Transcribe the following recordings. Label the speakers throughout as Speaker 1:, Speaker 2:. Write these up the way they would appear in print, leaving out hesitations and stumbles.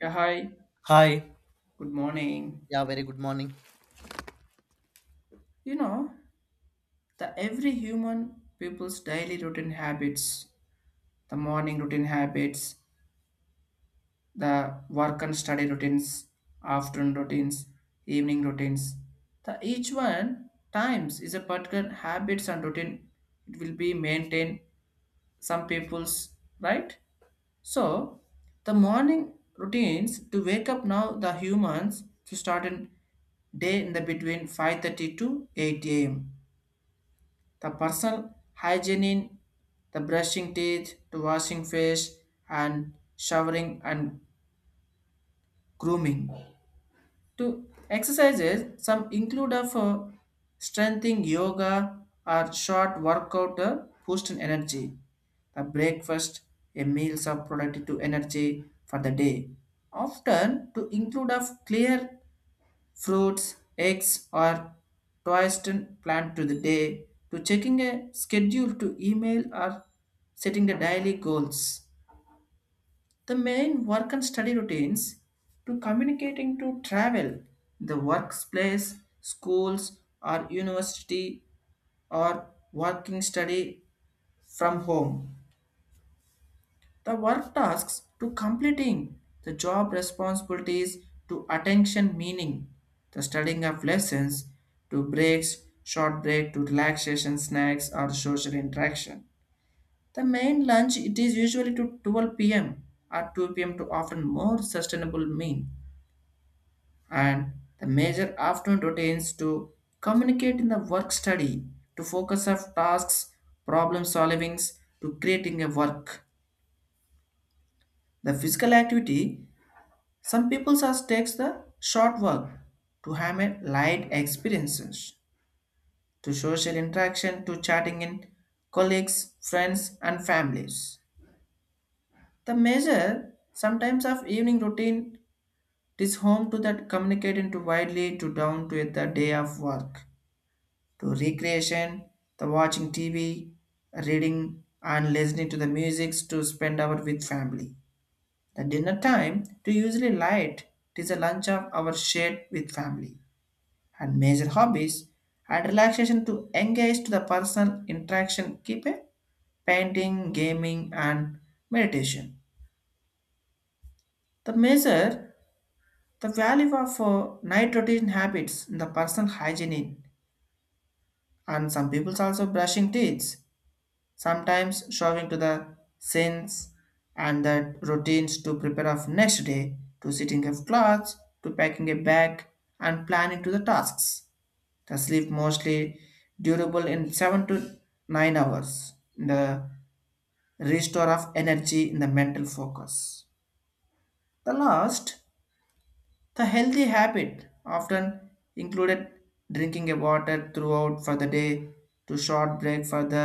Speaker 1: Yeah, hi.
Speaker 2: Hi.
Speaker 1: Good morning.
Speaker 2: Yeah, very good morning.
Speaker 1: You know, the every human people's daily routine habits, the morning routine habits, the work and study routines, afternoon routines, evening routines. The each one times is a particular habits and routine. It will be maintained some people's right. So the morning routines to wake up now the humans to start in day in the between 5:30 to 8 a.m. The personal hygiene, in the brushing teeth, to washing face, and showering and grooming. To exercises, some include of strengthening yoga or short workout to boost in energy. The breakfast, a meals of productive energy for the day. Often to include of clear fruits, eggs, or toasted plant to the day to checking a schedule to email or setting the daily goals. The main work and study routines to communicating to travel, the workplace, schools or university or working study from home. The work tasks to completing the job responsibilities to attention meaning, the studying of lessons to breaks, short break to relaxation snacks or social interaction. The main lunch it is usually to 12 p.m. or 2 p.m. to often more sustainable meal, and the major afternoon routines to communicate in the work study to focus of tasks, problem solvings, to creating a work, the physical activity. Some people just takes the short work to have a light experiences, to social interaction, to chatting in colleagues, friends, and families. The measure sometimes of evening routine is home to that communicating to widely to down to the day of work, to recreation, the watching TV, reading and listening to the music to spend hour with family. The dinner time to usually light, it is a lunch of our shared with family and major hobbies and relaxation to engage to the personal interaction keep a painting, gaming, and meditation. The measure, the value of night routine habits in the personal hygiene, and some people's also brushing teeth, sometimes showing to the sins, and the routines to prepare of next day, to sitting of clothes, to packing a bag, and planning to the tasks. The sleep mostly durable in 7 to 9 hours. The restore of energy in the mental focus. The last, the healthy habit often included drinking a water throughout for the day, to short break for the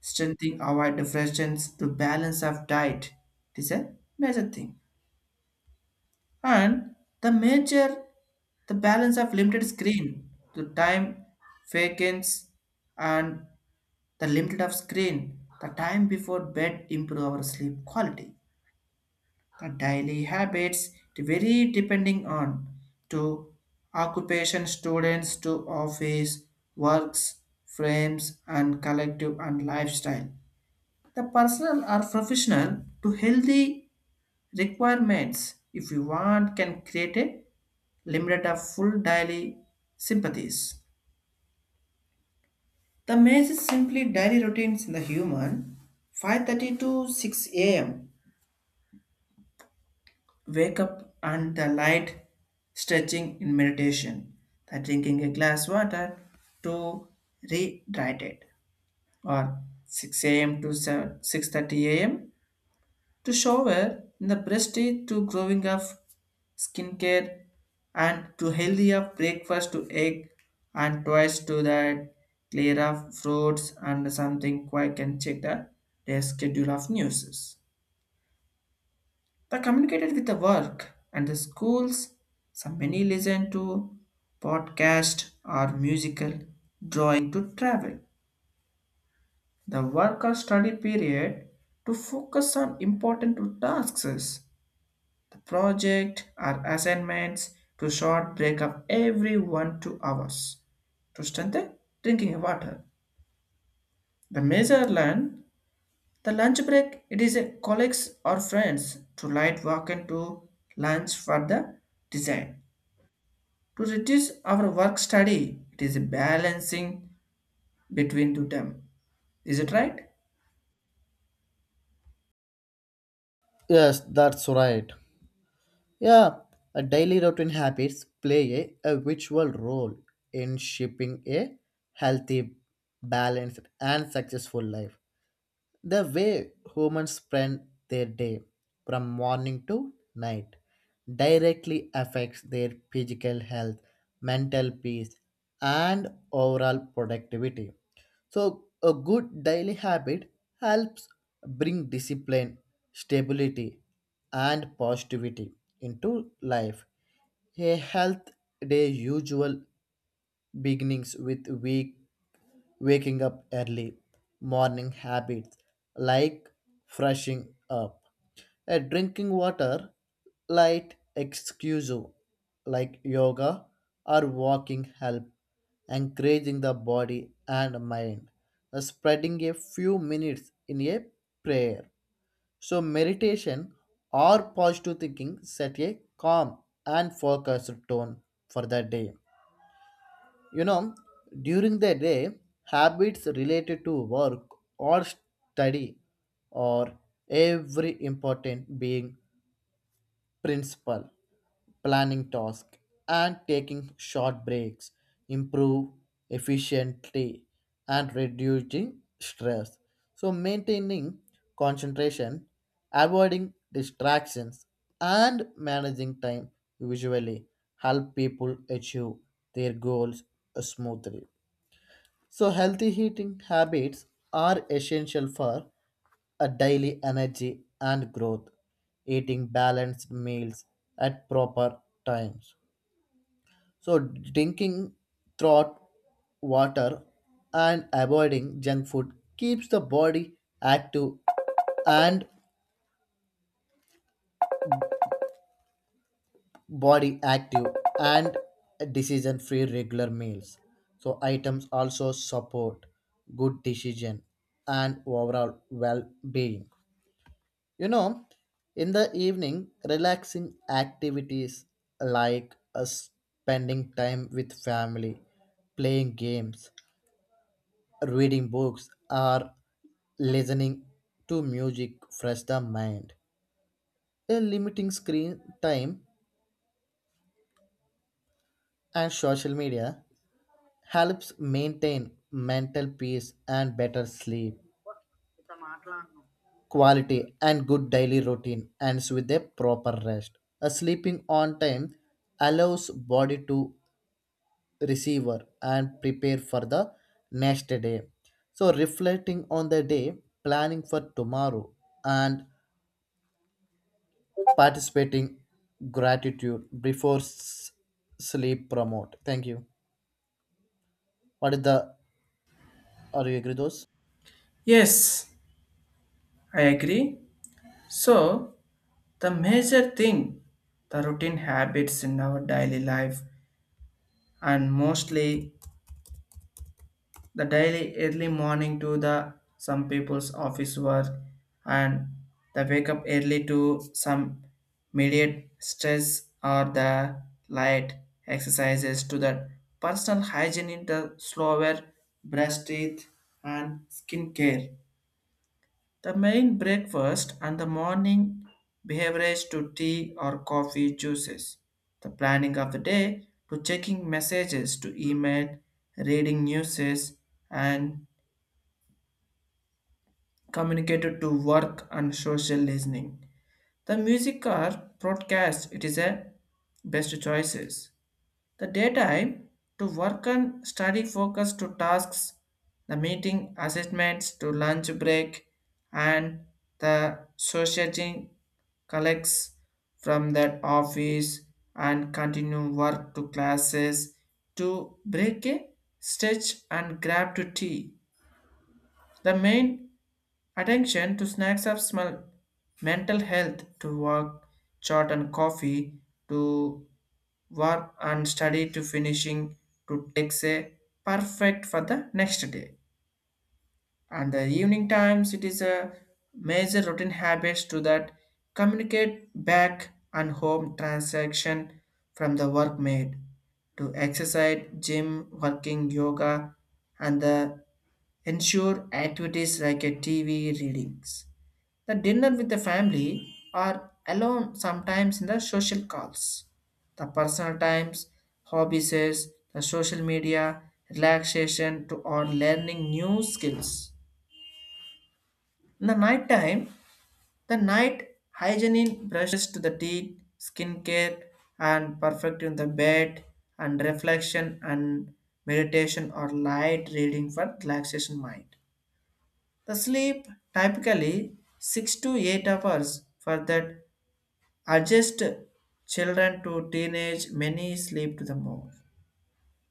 Speaker 1: strengthening, avoid depressions, to balance of diet. It is a major thing. And the major, the balance of limited screen to time vacants, and the limit of screen, the time before bed improve our sleep quality. The daily habits vary depending on to occupation, students to office, works, frames and collective and lifestyle. The personal or professional to healthy requirements, if you want can create a limited of full daily sympathies. The maze is simply daily routines in the human. 5:30 to 6 a.m., wake up and the light stretching in meditation. The drinking a glass water to rehydrate. Or 6 a.m. to 6:30 a.m., to shower in the prestige to growing up skincare, and to healthy up breakfast to egg and twice to that clear up fruits, and something quite can check the their schedule of news. They communicated with the work and the schools. Some many listen to podcast or musical drawing to travel. The work or study period to focus on important tasks, the project or assignments to short break up every 1 2 hours to strengthen drinking water. The major learn, the lunch break it is a colleagues or friends to light walk into lunch for the design. To reduce our work study, it is a balancing between to them. Is it right?
Speaker 2: Yes, that's right. Yeah, a daily routine habits play a virtual role in shaping a healthy, balanced, and successful life. The way humans spend their day from morning to night directly affects their physical health, mental peace, and overall productivity. So, a good daily habit helps bring discipline, stability, and positivity into life. A health day usual beginnings with week waking up early, morning habits like brushing up, a drinking water light excuse like yoga or walking help encouraging the body and mind spreading a few minutes in a prayer so meditation or positive thinking set a calm and focused tone for the day. You know, during the day habits related to work or study or every important being principle, planning tasks, and taking short breaks improve efficiently and reducing stress. So, maintaining concentration, avoiding distractions, and managing time usually help people achieve their goals smoothly. So, healthy eating habits are essential for a daily energy and growth. Eating balanced meals at proper times. So, drinking throat water and avoiding junk food keeps the active and body active and decision free regular meals. So, items also support good decision and overall well being. You know, in the evening, relaxing activities like spending time with family, playing games, reading books, or listening to music fresh the mind. A limiting screen time and social media helps maintain mental peace and better sleep quality and good daily routine ends with a proper rest. A sleeping on time allows body to receiver and prepare for the next day. So, reflecting on the day, planning for tomorrow, and participating gratitude before sleep promote. Thank you. What is the are you agree those?
Speaker 1: Yes, I agree. So the major thing, the routine habits in our daily life, and mostly the daily early morning to the some people's office work, and the wake up early to some immediate stress or the light exercises to the personal hygiene in the slower brush teeth and skin care, the main breakfast and the morning beverage to tea or coffee juices. The planning of the day to checking messages to email, reading newses, and communicated to work and social listening. The music or broadcast, it is a best choices. The daytime to work and study focus to tasks, the meeting assessments to lunch break, and the socializing collects from that office and continue work to classes, to break a stretch and grab to tea. The main attention to snacks of smell, mental health to work, chart and coffee to work and study to finishing, to takes a perfect for the next day. And the evening times, it is a major routine habits to that communicate back and home transaction from the work made, to exercise, gym, working, yoga, and the ensure activities like a TV readings. The dinner with the family or alone sometimes in the social calls. The personal times, hobbies, the social media, relaxation to or learning new skills. In the night time, the night hygiene brushes to the teeth, skincare, and perfecting the bed, and reflection and meditation or light reading for relaxation mind. The sleep typically 6 to 8 hours for that adjust. Children to teenage, many sleep to the more.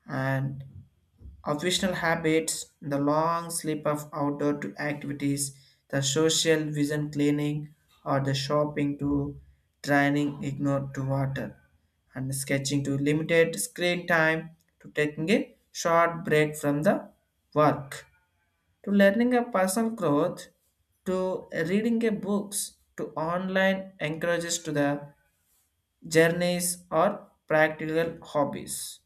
Speaker 1: And occupational habits, the long sleep of outdoor to activities, the social vision cleaning or the shopping to training ignore to water, and sketching to limited screen time, to taking a short break from the work, to learning a personal growth, to reading a books, to online encourages to the journeys or practical hobbies.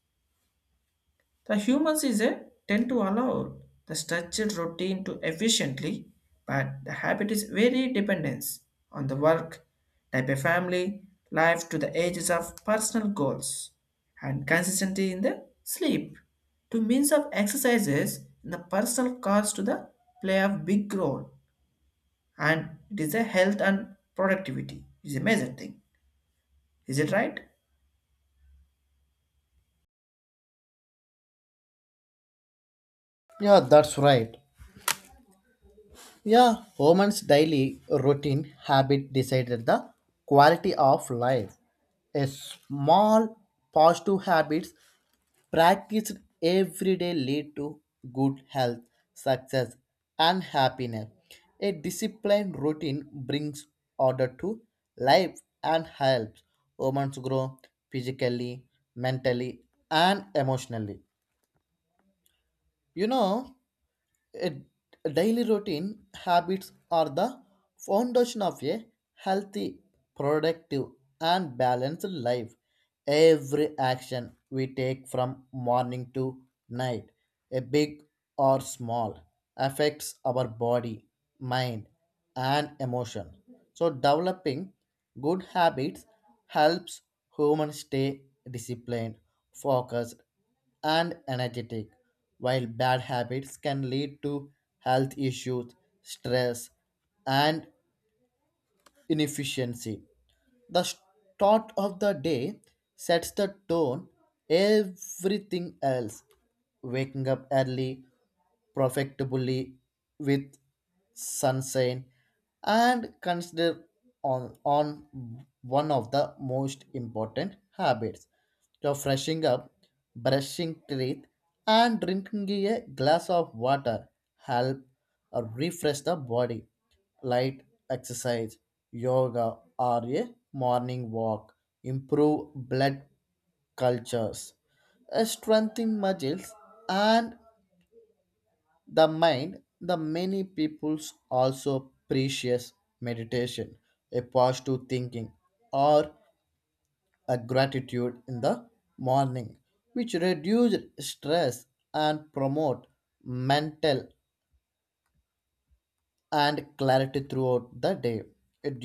Speaker 1: The humans is a tend to allow the structured routine to efficiently, but the habit is very dependence on the work, type of family, life to the ages of personal goals, and consistency in the sleep to means of exercises in the personal cars to the play of big role, and it is a health and productivity is a major thing. Is it right?
Speaker 2: Yeah, that's right. Yeah, woman's daily routine habit decided the quality of life. A small positive habits practiced every day lead to good health, success, and happiness. A disciplined routine brings order to life and helps humans grow physically, mentally, and emotionally. You know, a daily routine habits are the foundation of a healthy, productive, and balanced life. Every action we take from morning to night, a big or small, affects our body, mind, and emotion. So, developing good habits helps humans stay disciplined, focused, and energetic, while bad habits can lead to health issues, stress, and inefficiency. The start of the day sets the tone everything else. Waking up early, profitably with sunshine and consider on one of the most important habits. So freshing up, brushing teeth and drinking a glass of water help refresh the body light exercise, yoga, or a morning walk improve blood cultures, strengthen muscles, and the mind. The many peoples also precious meditation, a positive thinking, or a gratitude in the morning, which reduce stress and promote mental and clarity throughout the day.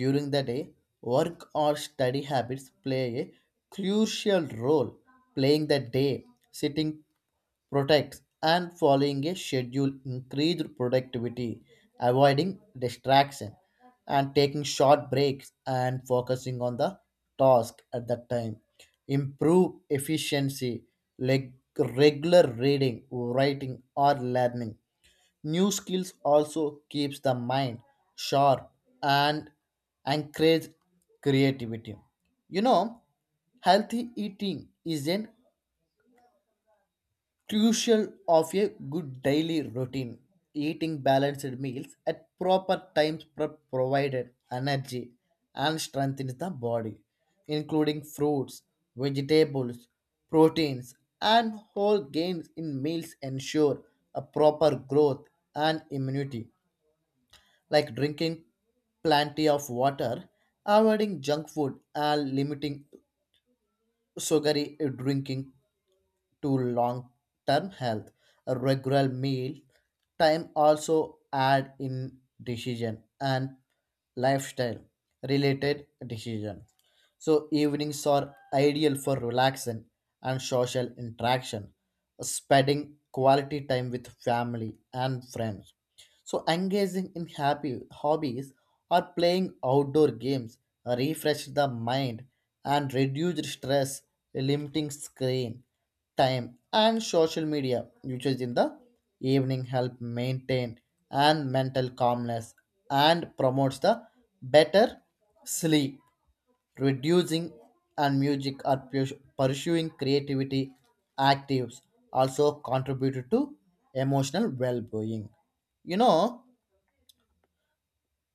Speaker 2: During the day, work or study habits play a crucial role. Playing the day, sitting protects, and following a schedule increased productivity, avoiding distraction, and taking short breaks and focusing on the task at that time. Improve efficiency, like regular reading, writing, or learning new skills also keeps the mind sharp and encourage creativity. You know, healthy eating is an crucial of a good daily routine. Eating balanced meals at proper times provided energy and strengthens the body, including fruits, vegetables, proteins, and whole grains in meals ensure a proper growth and immunity like drinking plenty of water, avoiding junk food, and limiting sugary drinking to long term health. A regular meal time also add in decision and lifestyle related decision. So evenings are ideal for relaxation and social interaction, spending quality time with family and friends so engaging in happy hobbies or playing outdoor games refresh the mind and reduce stress, limiting screen time and social media usage in the evening help maintain and mental calmness and promotes the better sleep, reducing and music or pursuing creativity actives also contributed to emotional well-being. You know,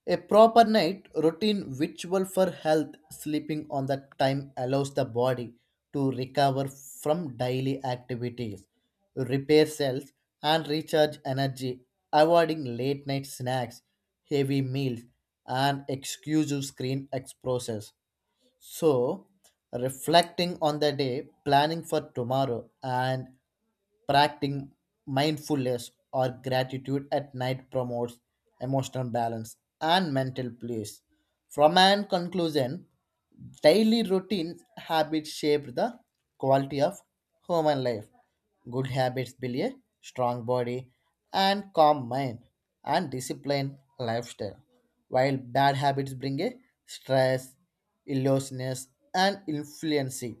Speaker 2: a proper night routine ritual for health sleeping on the time allows the body to recover from daily activities, repair cells and recharge energy, avoiding late night snacks, heavy meals and exclusive screen exposures. So, reflecting on the day, planning for tomorrow and practicing mindfulness or gratitude at night promotes emotional balance and mental peace. From an conclusion, daily routine habits shape the quality of human life. Good habits build a strong body and calm mind and disciplined lifestyle, while bad habits bring a stress, illness, and influency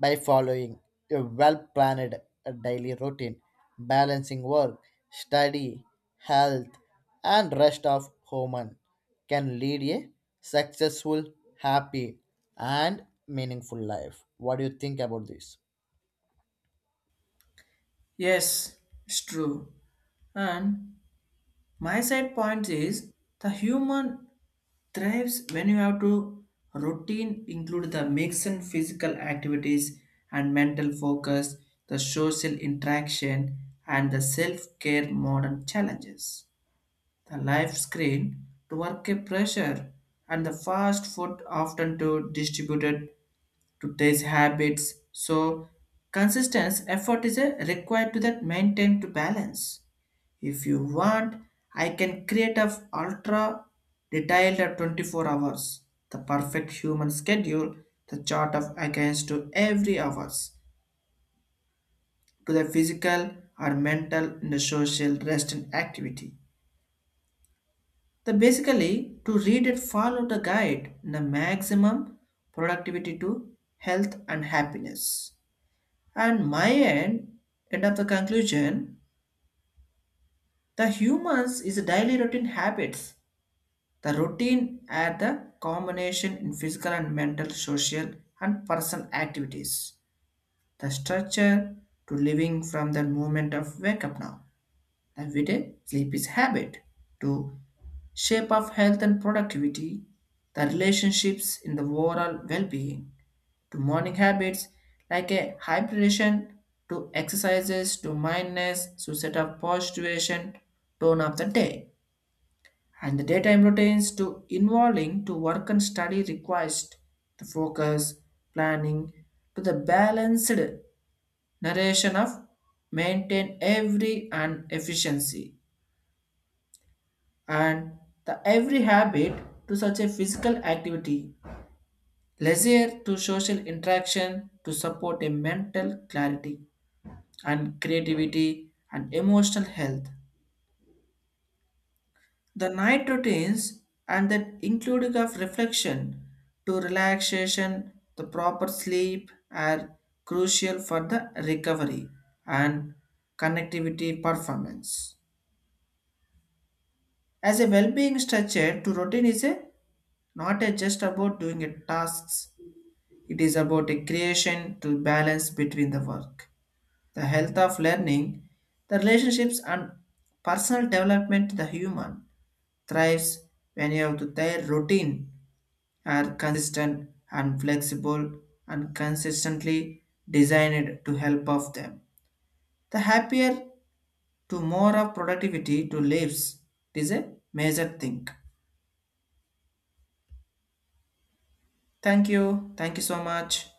Speaker 2: by following a well planned daily routine, balancing work, study, health, and rest of human can lead a successful, happy, and meaningful life. What do you think about this?
Speaker 1: Yes, it's true. And my side point is the human thrives when you have to routine include the mix and physical activities and mental focus, the social interaction and the self-care modern challenges. The life screen to work a pressure and the fast food often to distributed to these habits. So consistency effort is a required to that maintain to balance. If you want, I can create a ultra detailed at 24 hours, the perfect human schedule, the chart of against to every hours, to the physical or mental and the social rest and activity. The basically to read and follow the guide in the maximum productivity to health and happiness. And my end, end of the conclusion, the humans is a daily routine habits. The routine are the combination in physical and mental, social and personal activities. The structure to living from the moment of wake up now. Every day sleep is habit to shape of health and productivity, the relationships in the overall well-being. To morning habits like a high hydration, to exercises, to mindfulness to set up positivation tone of the day, and the daytime routines to involving to work and study requires the focus, planning, to the balanced narration of maintain every and efficiency, and the every habit to such a physical activity, leisure, to social interaction to support a mental clarity and creativity and emotional health. The night routines and that including of reflection to relaxation, the proper sleep are crucial for the recovery and connectivity performance. As a well-being structure, to routine is a not a just about doing a tasks. It is about a creation to balance between the work, the health of learning, the relationships, and personal development to the human thrives when you have to their routine are consistent and flexible and consistently designed to help of them. The happier to more of productivity to lives. It is a major thing. Thank you. Thank you so much.